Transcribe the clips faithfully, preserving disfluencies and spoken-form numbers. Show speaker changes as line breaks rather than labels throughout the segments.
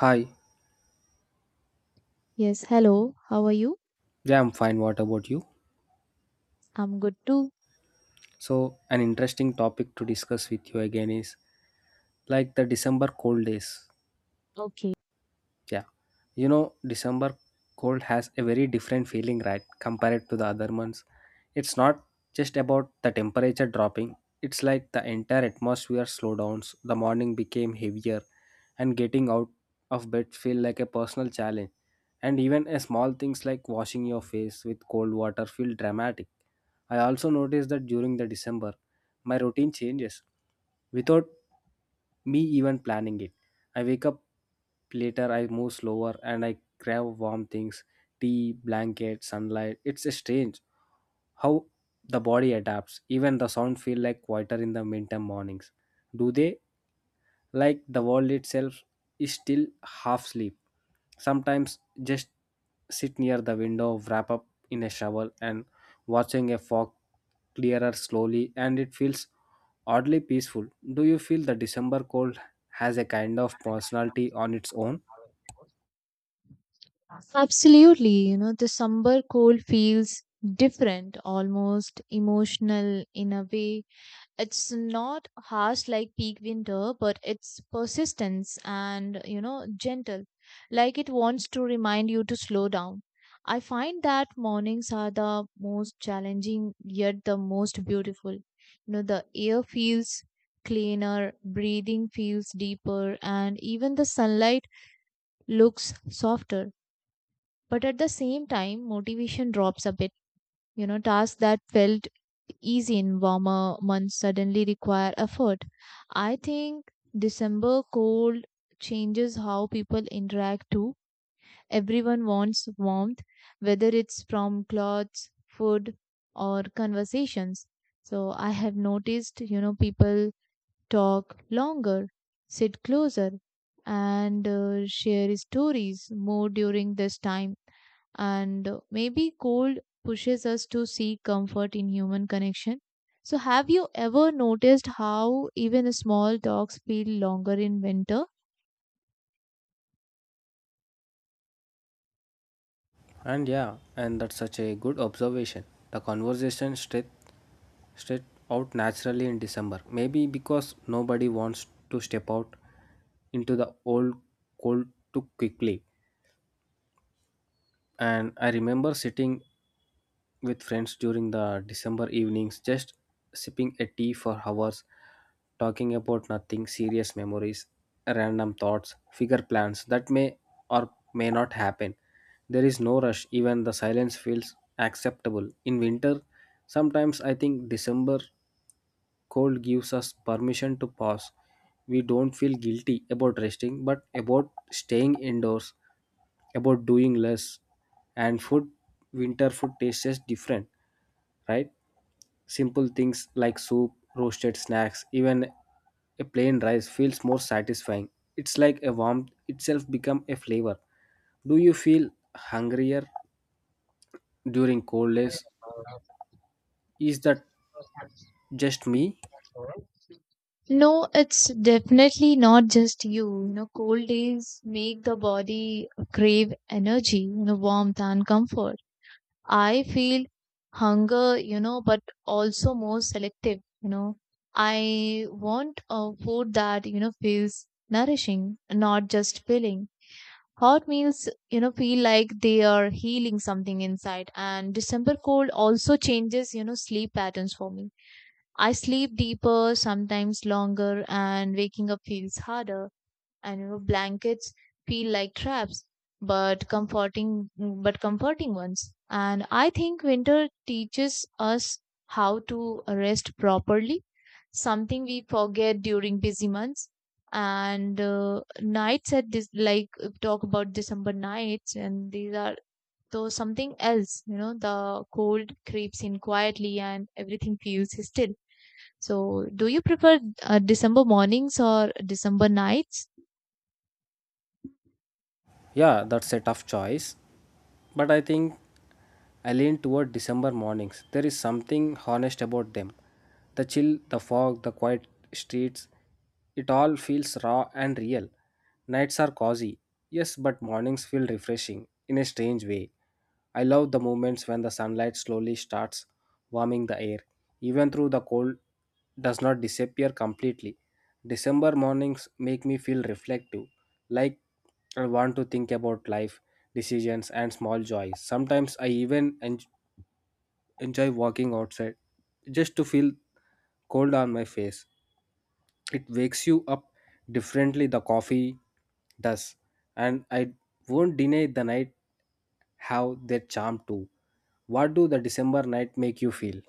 Hi,
Yes, hello. How are you?
yeah, I'm fine. What about you?
I'm good too.
So, an interesting topic to discuss with you again is like the December cold days.
Okay.
Yeah. You know, December cold has a very different feeling, right? Compared to the other months. It's not just about the temperature dropping, it's like the entire atmosphere slow downs. The morning became heavier and getting out of bed feel like a personal challenge. And even a small things like washing your face with cold water feel dramatic. I also noticed that during the December, my routine changes without me even planning it. I wake up later, I move slower, and I grab warm things tea, blanket, sunlight. It's strange how the body adapts. Even the sound feel like quieter in the winter mornings. Do they? Like the world itself is still half asleep. Sometimes just sit near the window, wrap up in a shovel, and watching a fog clearer slowly, and it feels oddly peaceful. Do you feel the December cold has a kind of personality on its own?
Absolutely. You know, the somber cold feels different, almost emotional in a way. It's not harsh like peak winter, but it's persistence and, you know, gentle, like it wants to remind you to slow down. I find that mornings are the most challenging, yet the most beautiful. You know, the air feels cleaner, breathing feels deeper, and even the sunlight looks softer. But at the same time, motivation drops a bit. You know, tasks that felt easy in warmer months suddenly require effort. I think December cold changes how people interact too. Everyone wants warmth, whether it's from clothes, food, or conversations. So I have noticed, you know, people talk longer, sit closer, and uh, share stories more during this time. And uh, maybe cold pushes us to seek comfort in human connection. So, have you ever noticed how even small talks feel longer in winter?
And yeah, and that's such a good observation. The conversation straight straight out naturally in December. Maybe because nobody wants to step out into the old cold too quickly and I remember sitting with friends during the December evenings, just sipping a tea for hours, talking about nothing, serious memories, random thoughts, figure plans that may or may not happen. There is no rush, even the silence feels acceptable. In winter, sometimes I think December cold gives us permission to pause. We don't feel guilty about resting, but about staying indoors about doing less and food winter food tastes just different right simple things like soup roasted snacks even a plain rice feels more satisfying it's like a warmth itself become a flavor do you feel hungrier during cold days is that just me
No, it's definitely not just you. You know, cold days make the body crave energy, you know, warmth and comfort. I feel hunger, you know, but also more selective, you know. I want a food that, you know, feels nourishing, not just filling. Hot meals, you know, feel like they are healing something inside. And December cold also changes, you know, sleep patterns for me. I sleep deeper, sometimes longer, and waking up feels harder. And you know blankets feel like traps, but comforting, but comforting ones. And I think winter teaches us how to rest properly, something we forget during busy months. And uh, nights, at this, like if talk about December nights, and these are though something else. You know the cold creeps in quietly and everything feels still. So do you prefer uh, December mornings or December nights?
yeah that's a tough choice but I think I lean toward December mornings. There is something honest about them. The chill, the fog, the quiet streets, it all feels raw and real. Nights are cozy, yes, but mornings feel refreshing in a strange way. I love the moments when the sunlight slowly starts warming the air, even though the cold does not disappear completely. December mornings make me feel reflective, like I want to think about life, decisions, and small joys. Sometimes I even en- enjoy walking outside just to feel cold on my face. It wakes you up differently, the coffee does. And I won't deny the night have their charm too. What do the December night make you feel?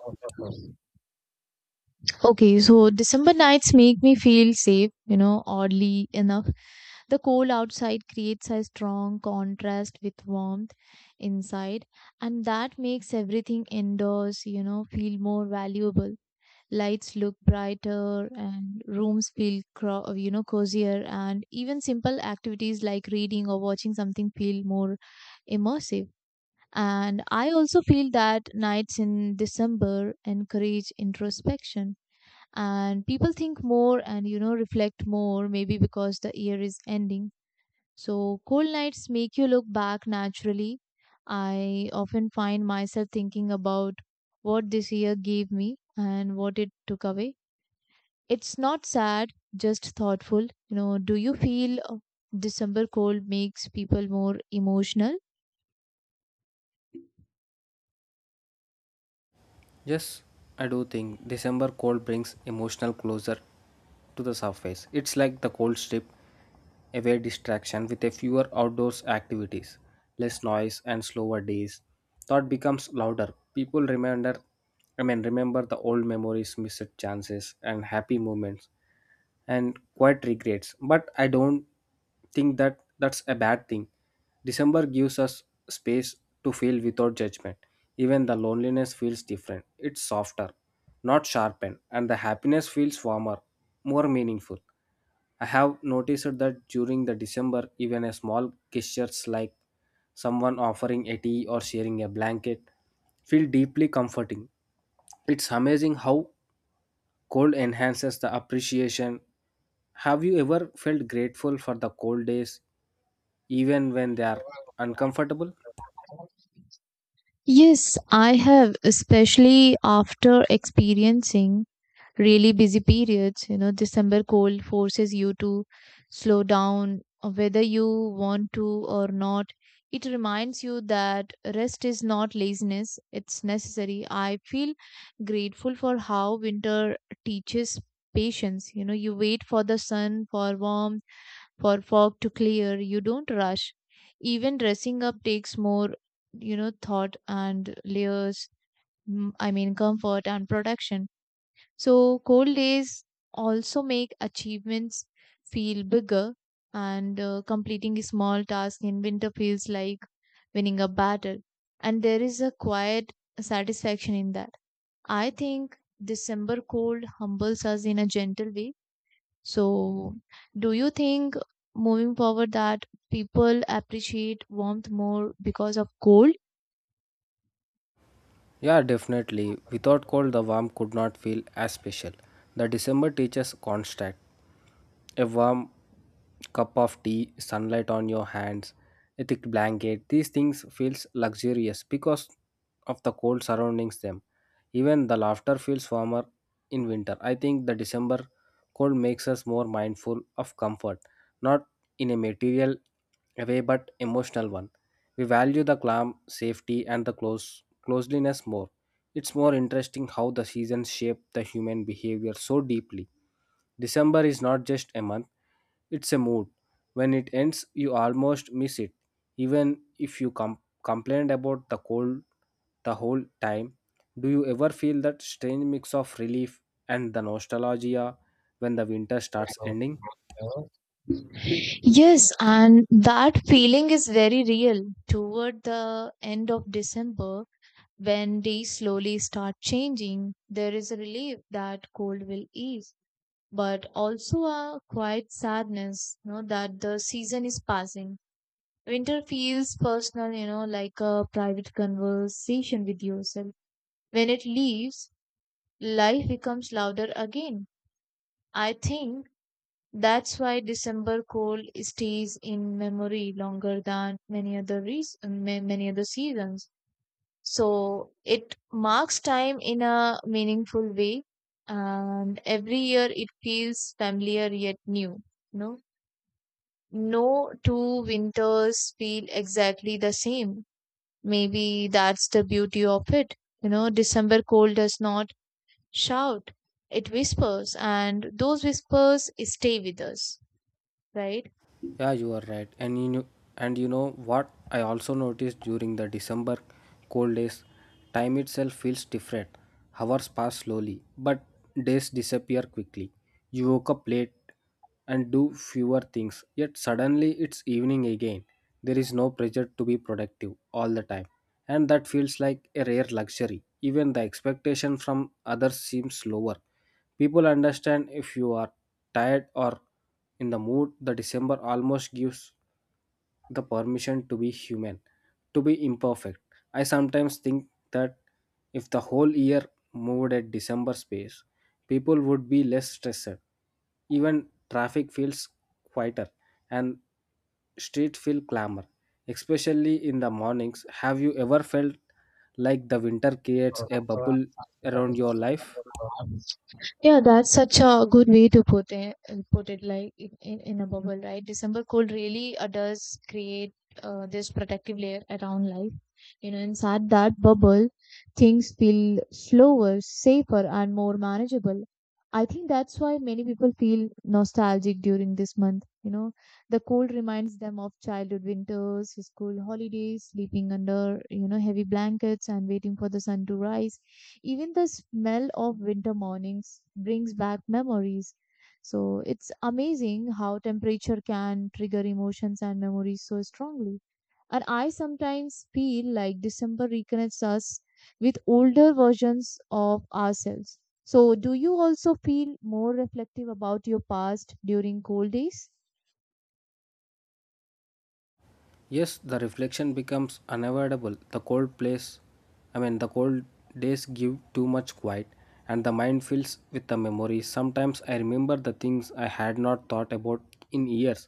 Okay, so December nights make me feel safe, you know, oddly enough. The cold outside creates a strong contrast with warmth inside, and that makes everything indoors, you know, feel more valuable. Lights look brighter and rooms feel, cro- you know, cozier, and even simple activities like reading or watching something feel more immersive. And I also feel that nights in December encourage introspection, and people think more, and you know reflect more, maybe because the year is ending. So cold nights make you look back naturally. I often find myself thinking about what this year gave me and what it took away. It's not sad, just thoughtful. You know do you feel uh, December cold makes people more emotional?
Yes, I do think December cold brings emotional closure to the surface. It's like the cold strip, away distraction with a fewer outdoors activities, less noise and slower days. Thought becomes louder. People remember I mean remember the old memories, missed chances and happy moments and quite regrets but I don't think that that's a bad thing december gives us space to feel without judgment even the loneliness feels different it's softer not sharpened and the happiness feels warmer more meaningful I have noticed that during the december even a small gestures like someone offering a tea or sharing a blanket feel deeply comforting it's amazing how cold enhances the appreciation. Have you ever felt grateful for the cold days, even when they are uncomfortable?
Yes, I have, especially after experiencing really busy periods. You know, December cold forces you to slow down, uh, whether you want to or not. It reminds you that rest is not laziness, it's necessary. I feel grateful for how winter teaches patience. You know, you wait for the sun, for warmth, for fog to clear. You don't rush. Even dressing up takes more, you know, thought and layers, mm, I mean, comfort and protection. So, cold days also make achievements feel bigger, and uh, completing a small task in winter feels like winning a battle. And there is a quiet satisfaction in that. I think December cold humbles us in a gentle way. So, do you think moving forward that people appreciate warmth more because of cold?
Yeah, definitely. Without cold, the warm could not feel as special. The December teaches constant. A warm cup of tea, sunlight on your hands, a thick blanket. These things feels luxurious because of the cold surroundings them. Even the laughter feels warmer in winter. I think the December cold makes us more mindful of comfort, not in a material way but emotional one. We value the calm, safety and the close closeliness more. It's more interesting how the seasons shape the human behavior so deeply. December is not just a month, it's a mood. When it ends, you almost miss it. Even if you com- complained about the cold the whole time, do you ever feel that strange mix of relief and the nostalgia when the winter starts ending?
Yes, and that feeling is very real toward the end of December when days slowly start changing. There is a relief that cold will ease, but also a quiet sadness, you know, that the season is passing. Winter feels personal, you know, like a private conversation with yourself. When it leaves, life becomes louder again. I think that's why December cold stays in memory longer than many other reason, many other seasons. So it marks time in a meaningful way, and every year it feels familiar yet new. No, no two winters feel exactly the same. Maybe that's the beauty of it. You know, December cold does not shout, it whispers, and those whispers stay with us, right?
Yeah, you are right. And you know, and you know what I also noticed during the December cold days, time itself feels different. Hours pass slowly, but days disappear quickly. You woke up late and do fewer things, yet suddenly it's evening again. There is no pressure to be productive all the time, and that feels like a rare luxury. Even the expectation from others seems lower. People understand if you are tired or in the mood the december almost gives the permission to be human to be imperfect I sometimes think that if the whole year moved at december space people would be less stressed even traffic feels quieter and street feel clamor especially in the mornings have you ever felt like the winter creates a bubble around your life
Yeah, that's such a good way to put it, put it like in, in, in a bubble, right? December cold really uh, does create uh, this protective layer around life. You know, inside that bubble, things feel slower, safer, and more manageable. I think that's why many people feel nostalgic during this month. You know, the cold reminds them of childhood winters, school holidays, sleeping under, you know, heavy blankets and waiting for the sun to rise. Even the smell of winter mornings brings back memories. So it's amazing how temperature can trigger emotions and memories so strongly. And I sometimes feel like December reconnects us with older versions of ourselves. So do you also feel more reflective about your past during cold days?
Yes, the reflection becomes unavoidable. The cold place, I mean, the cold days give too much quiet, and the mind fills with the memories. Sometimes I remember the things I had not thought about in years.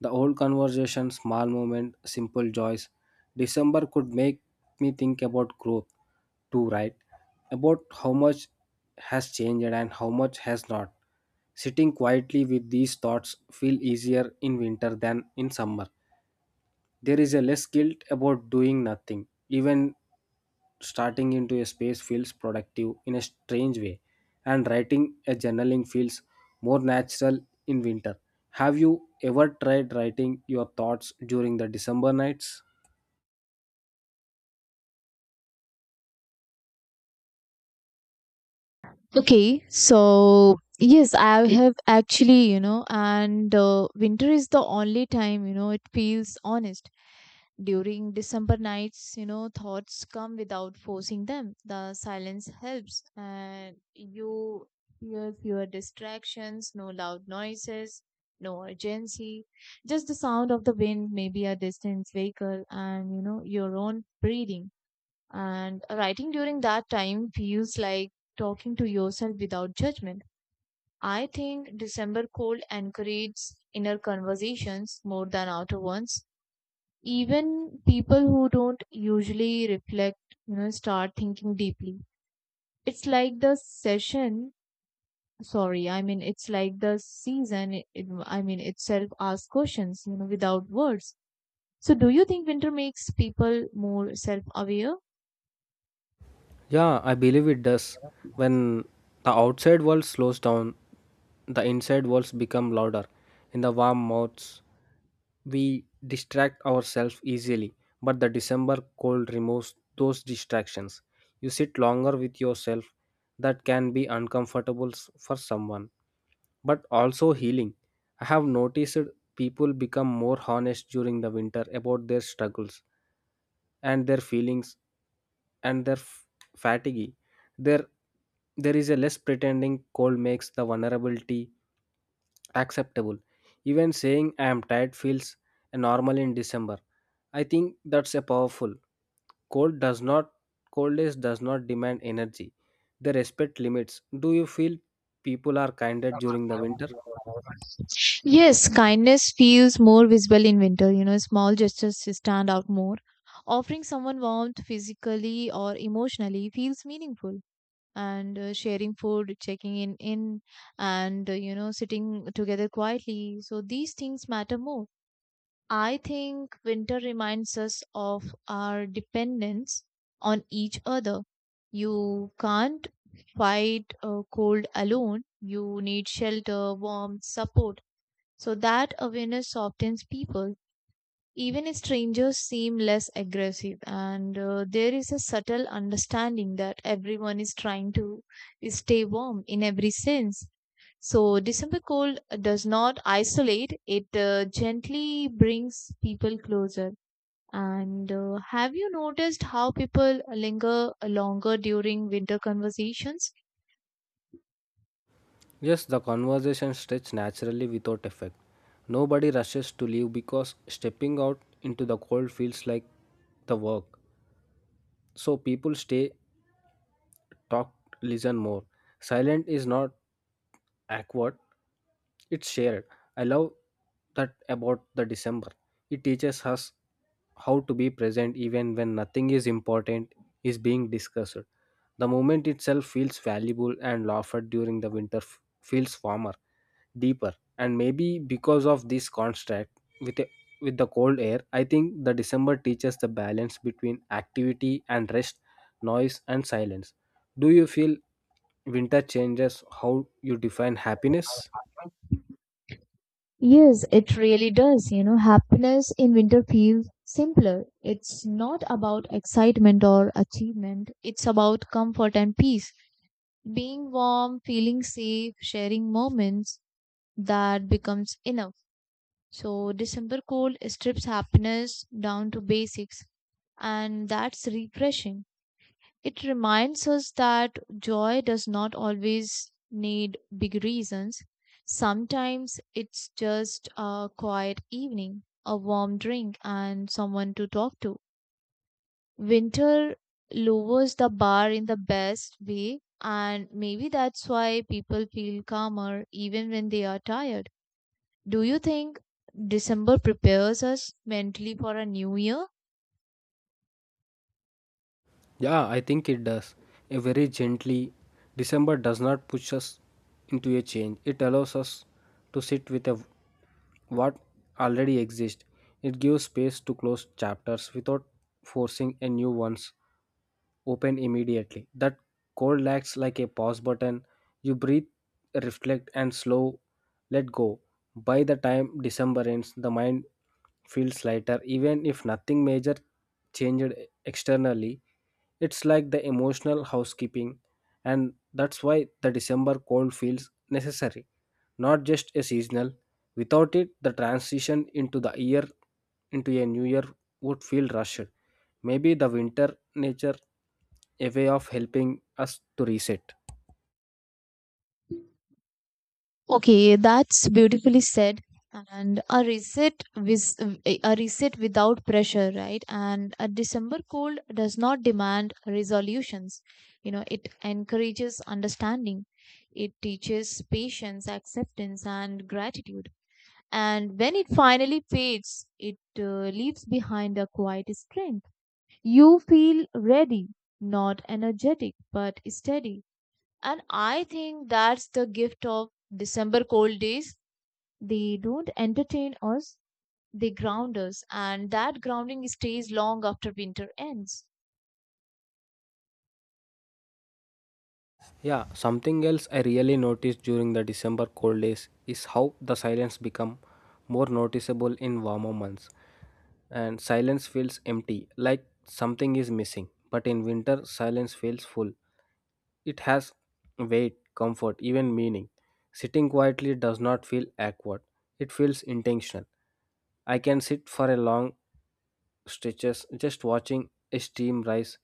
The old conversation, small moment, simple joys. December could make me think about growth too, right? About how much has changed and how much has not. Sitting quietly with these thoughts feel easier in winter than in summer there is a less guilt about doing nothing even starting into a space feels productive in a strange way and writing a journaling feels more natural in winter have you ever tried writing your thoughts during the december nights
Okay, so yes, I have actually, you know, and uh, winter is the only time, you know, it feels honest. During December nights, you know, thoughts come without forcing them. The silence helps, and you hear fewer distractions, no loud noises, no urgency, just the sound of the wind, maybe a distant vehicle, and you know, your own breathing. And writing during that time feels like talking to yourself without judgment. I think December cold encourages inner conversations more than outer ones. Even people who don't usually reflect, you know, start thinking deeply. It's like the session, sorry, I mean, it's like the season, it, it- I mean, itself asks questions, you know, without words. So, do you think winter makes people more self aware?
Yeah, I believe it does. When the outside world slows down, the inside worlds become louder. In the warm months, we distract ourselves easily, but the December cold removes those distractions. You sit longer with yourself. That can be uncomfortable s- for someone, but also healing. I have noticed people become more honest during the winter about their struggles and their feelings and their fatigue. There, there is a less pretending cold makes the vulnerability acceptable. Even saying I am tired feels normal in December. I think that's a powerful. Cold does not cold days does not demand energy. They respect limits. Do you feel people are kinder during the winter?
Yes, kindness feels more visible in winter, you know, small gestures stand out more. Offering someone warmth physically or emotionally feels meaningful. And uh, sharing food, checking in in and uh, you know sitting together quietly, so these things matter more. I think winter reminds us of our dependence on each other. You can't fight a cold alone, you need shelter, warmth, support. So that awareness softens people. Even strangers seem less aggressive, and uh, there is a subtle understanding that everyone is trying to stay warm in every sense. So, December cold does not isolate, it uh, gently brings people closer. And uh, have you noticed how people linger longer during winter conversations?
Yes, the conversation stretches naturally without effect. Nobody rushes to leave because stepping out into the cold feels like the work. So people stay talk, listen more. Silent is not awkward, it's shared. I love that about the December. It teaches us how to be present even when nothing is important is being discussed. The moment itself feels valuable and laughter during the winter f- feels warmer deeper and maybe because of this contrast with a, with the cold air I think the december teaches the balance between activity and rest noise and silence do you feel winter changes how you define happiness
Yes, it really does. You know, happiness in winter feels simpler. It's not about excitement or achievement, it's about comfort and peace. Being warm, feeling safe, sharing moments, that becomes enough. So, December cold strips happiness down to basics, and that's refreshing. It reminds us that joy does not always need big reasons. Sometimes it's just a quiet evening, a warm drink, and someone to talk to. Winter lowers the bar in the best way, and maybe that's why people feel calmer even when they are tired. Do you think December prepares us mentally for a new year?
Yeah, I think it does. A very gently, December does not push us into a change. It allows us to sit with a, what already exists. It gives space to close chapters without forcing a new ones open immediately. That cold acts like a pause button. You breathe, reflect, and slow let go. By the time December ends, the mind feels lighter. Even if nothing major changed externally, it's like the emotional housekeeping, and that's why the December cold feels necessary, not just a seasonal. Without it, the transition into the year into a new year would feel rushed. Maybe the winter nature a way of helping us to reset.
Okay, that's beautifully said. And a reset with a reset without pressure, right? And a December cold does not demand resolutions. You know, it encourages understanding. It teaches patience, acceptance, and gratitude. And when it finally fades, it uh, leaves behind a quiet strength. You feel ready, not energetic, but steady. And I think that's the gift of December cold days. They don't entertain us, they ground us, and that grounding stays long after winter ends.
Yeah, something else I really noticed during the December cold days is how the silence become more noticeable in warmer months. And silence feels empty, like something is missing. But in winter, silence feels full, it has weight, comfort, even meaning. Sitting quietly does not feel awkward, it feels intentional. I can sit for a long stretches just watching a steam rise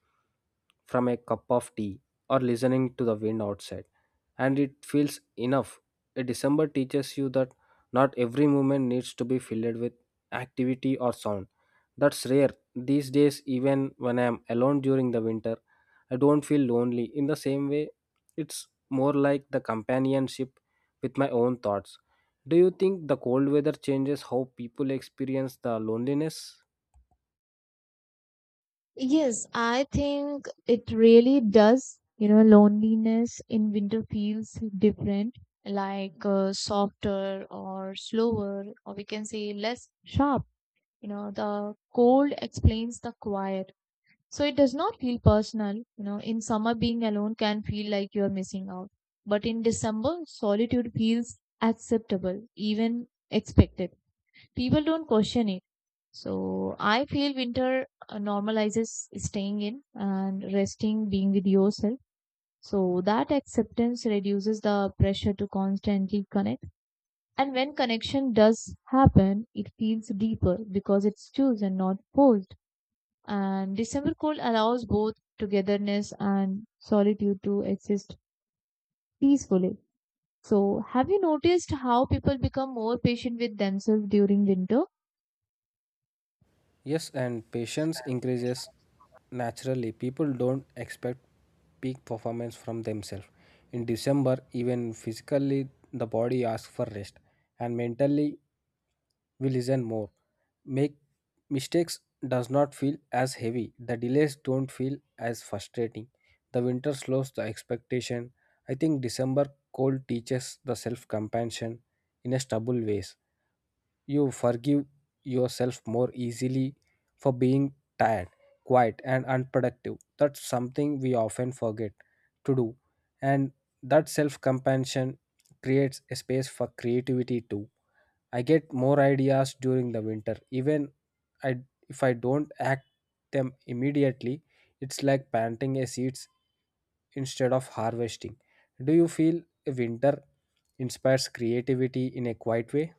from a cup of tea or listening to the wind outside and it feels enough a december teaches you that not every moment needs to be filled with activity or sound that's rare these days even when I am alone during the winter I don't feel lonely. In the same way, it's more like the companionship with my own thoughts. Do you think the cold weather changes how people experience the loneliness?
Yes, I think it really does. You know loneliness in winter feels different, like uh, softer or slower, or we can say less sharp. You know the cold explains the quiet. So it does not feel personal. You know, in summer, being alone can feel like you're missing out. But in December, solitude feels acceptable, even expected. People don't question it. So I feel winter uh, normalizes staying in and resting, being with yourself. So that acceptance reduces the pressure to constantly connect. And when connection does happen, it feels deeper because it's chosen, not forced. And December cold allows both togetherness and solitude to exist peacefully. So, have you noticed how people become more patient with themselves during winter?
Yes, and patience increases naturally. People don't expect peak performance from themselves. In December, even physically, the body asks for rest, and mentally, we listen more. Make mistakes does not feel as heavy. The delays don't feel as frustrating. The winter slows the expectation. I think December cold teaches the self compassion in a stubble ways. You forgive yourself more easily for being tired, quiet and unproductive. That's something we often forget to do. And that self compassion creates a space for creativity too I get more ideas during the winter. Even I, if I don't act them immediately, it's like planting a seeds instead of harvesting. Do you feel winter inspires creativity in a quiet way?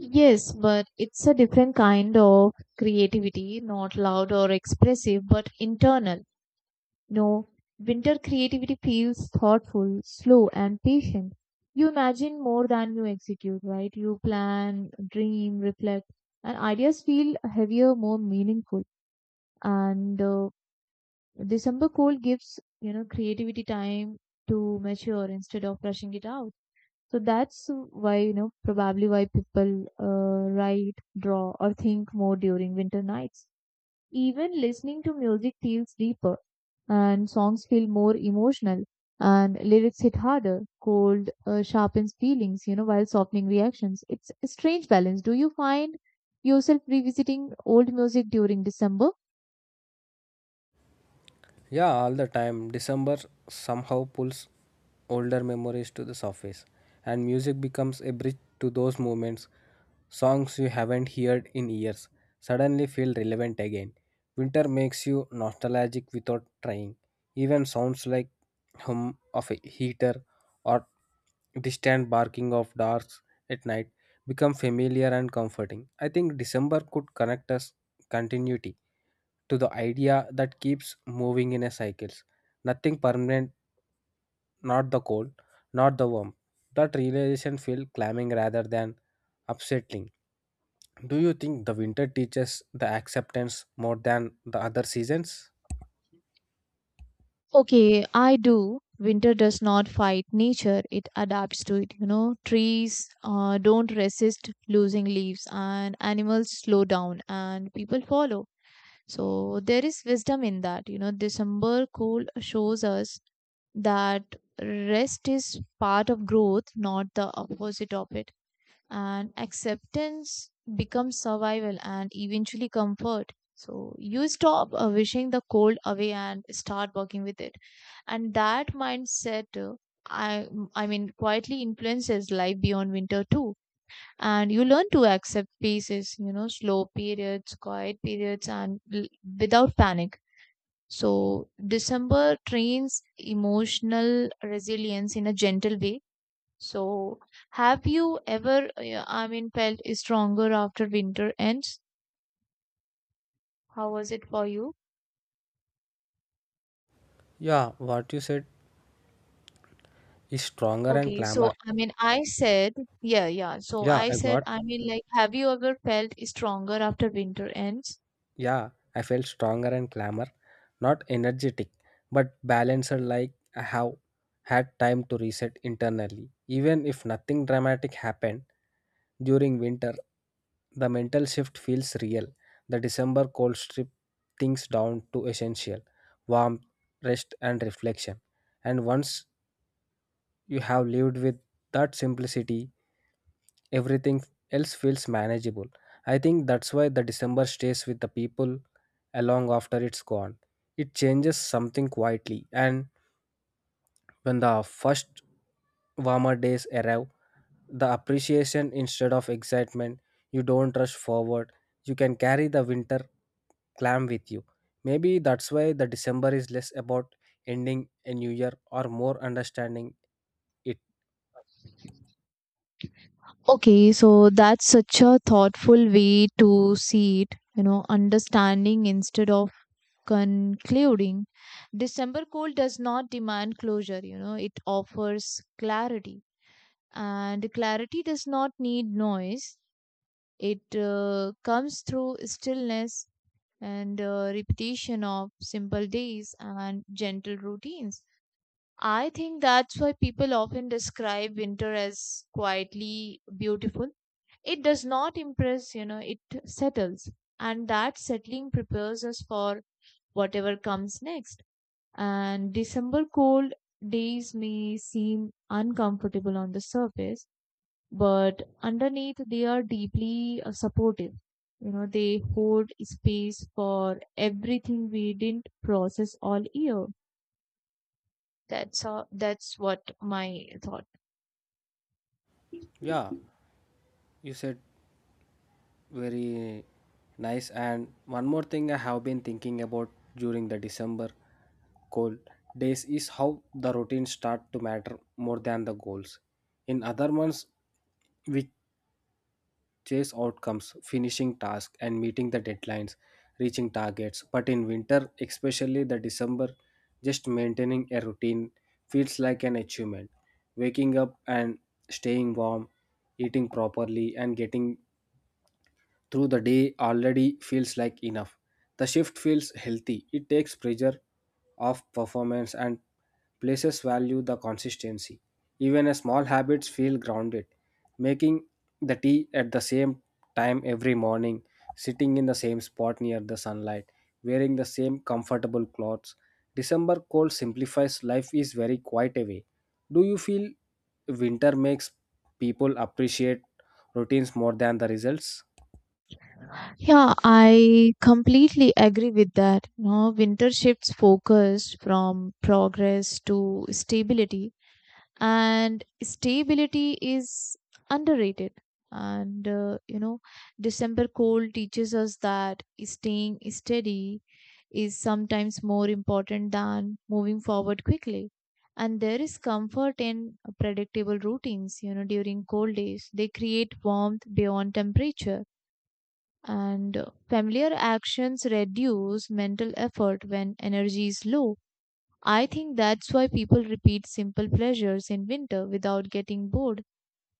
Yes, but it's a different kind of creativity, not loud or expressive, but internal. No, winter creativity feels thoughtful, slow, and patient. You imagine more than you execute, right? You plan, dream, reflect, and ideas feel heavier, more meaningful. And uh, December cold gives you know creativity time to mature instead of rushing it out. So that's why you know probably why people uh, write, draw, or think more during winter nights. Even listening to music feels deeper, and songs feel more emotional, and lyrics hit harder. Cold uh, sharpens feelings, you know while softening reactions. It's a strange balance. Do you find yourself revisiting old music during December?
Yeah, all the time. December somehow pulls older memories to the surface, and music becomes a bridge to those moments. Songs you haven't heard in years suddenly feel relevant again. Winter makes you nostalgic without trying. Even sounds like hum of a heater or distant barking of dogs at night become familiar and comforting. I think December could connect us continuity to the idea that keeps moving in a cycles. Nothing permanent, not the cold, not the warm. That realization feels climbing rather than upsetting. Do you think the winter teaches the acceptance more than the other seasons?
Okay, I do. Winter does not fight nature, it adapts to it. You know, trees uh, don't resist losing leaves, and animals slow down, and people follow. So, there is wisdom in that. You know, December cold shows us that rest is part of growth, not the opposite of it. And acceptance becomes survival and eventually comfort. So you stop uh, wishing the cold away and start working with it. And that mindset uh, i i mean quietly influences life beyond winter too. And you learn to accept phases, you know slow periods, quiet periods, and l- without panic. So December trains emotional resilience in a gentle way. So, have you ever, uh, I mean, felt stronger after winter ends? How was it for you?
Yeah, what you said is stronger and
Okay,
clamor.
so I mean, I said, yeah, yeah. So
Yeah,
I
I
said,
got
I mean, like, have you ever felt stronger after winter ends?
Yeah, I felt stronger and calmer, not energetic, but balanced like I have had time to reset internally. Even if nothing dramatic happened during winter, the mental shift feels real. The December cold strip things down to essential warmth, rest, and reflection. And once you have lived with that simplicity, everything else feels manageable. I think that's why the December stays with the people along after it's gone. It changes something quietly, and when the first warmer days arrive, the appreciation instead of excitement, you don't rush forward, you can carry the winter clam with you. Maybe that's why the December is less about ending a new year or more understanding it.
Okay, so that's such a thoughtful way to see it, you know, understanding instead of concluding. December cold does not demand closure, you know, it offers clarity. And clarity does not need noise. It uh, comes through stillness and uh, repetition of simple days and gentle routines. I think that's why people often describe winter as quietly beautiful. It does not impress, you know, it settles. And that settling prepares us for whatever comes next. And December cold days may seem uncomfortable on the surface, but underneath they are deeply uh, supportive. You know they hold space for everything we didn't process all year. That's uh, that's what my thought.
Yeah, you said very nice and one more thing I have been thinking about during the december cold days is how the routines start to matter more than the goals in other months we chase outcomes finishing tasks and meeting the deadlines reaching targets but in winter especially the december just maintaining a routine feels like an achievement waking up and staying warm eating properly and getting through the day already feels like enough. The shift feels healthy. It takes pressure off performance and places value the consistency. Even a small habits feel grounded. Making the tea at the same time every morning, sitting in the same spot near the sunlight, wearing the same comfortable clothes. December cold simplifies life is very quiet away. Do you feel winter makes people appreciate routines more than the results?
Yeah, I completely agree with that. You know, winter shifts focus from progress to stability. And stability is underrated. And uh, you know December cold teaches us that staying steady is sometimes more important than moving forward quickly. And there is comfort in predictable routines. You know during cold days they create warmth beyond temperature. And uh, familiar actions reduce mental effort when energy is low. I think that's why people repeat simple pleasures in winter without getting bored.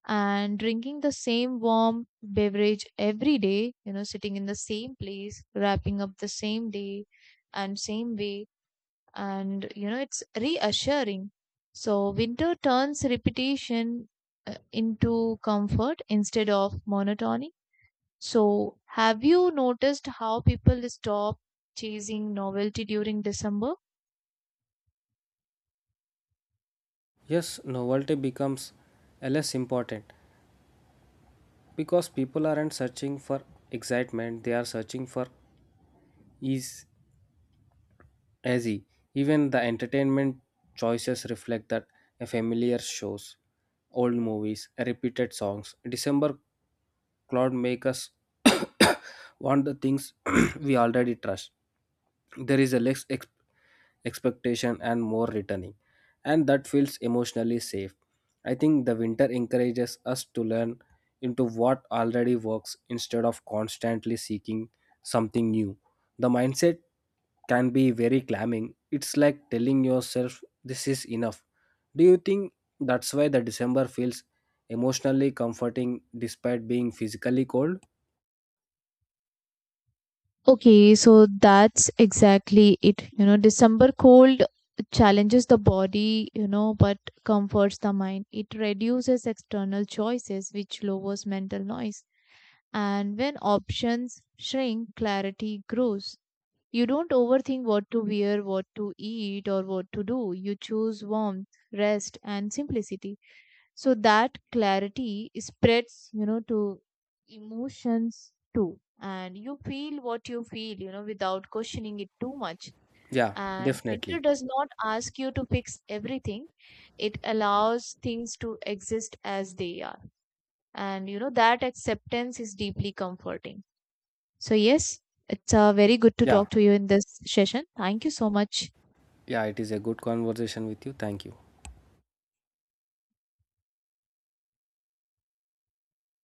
And drinking the same warm beverage every day, you know, sitting in the same place, wrapping up the same day and same way. And, you know, it's reassuring. So, winter turns repetition uh, into comfort instead of monotony. So, have you noticed how people stop chasing novelty during December?
Yes, novelty becomes a less important because people aren't searching for excitement, they are searching for ease, easy. Even the entertainment choices reflect that a familiar shows, old movies, repeated songs. December cloud make us want the things we already trust. There is a less ex- expectation and more returning and that feels emotionally safe I think the winter encourages us to learn into what already works instead of constantly seeking something new the mindset can be very calming. It's like telling yourself this is enough do you think that's why the december feels emotionally comforting despite being physically cold
Okay, so that's exactly it. You know, December cold challenges the body, you know, but comforts the mind. It reduces external choices, which lowers mental noise. And when options shrink, clarity grows. You don't overthink what to wear, what to eat, or what to do. You choose warmth, rest, and simplicity. So that clarity spreads you know to emotions too. And you feel what you feel, you know without questioning it too much.
yeah
And winter
definitely
does not ask you to fix everything, it allows things to exist as they are. And you know that acceptance is deeply comforting. So yes, it's uh, very good to
yeah
talk to you in this session. Thank you so much.
yeah it is a good conversation with you thank you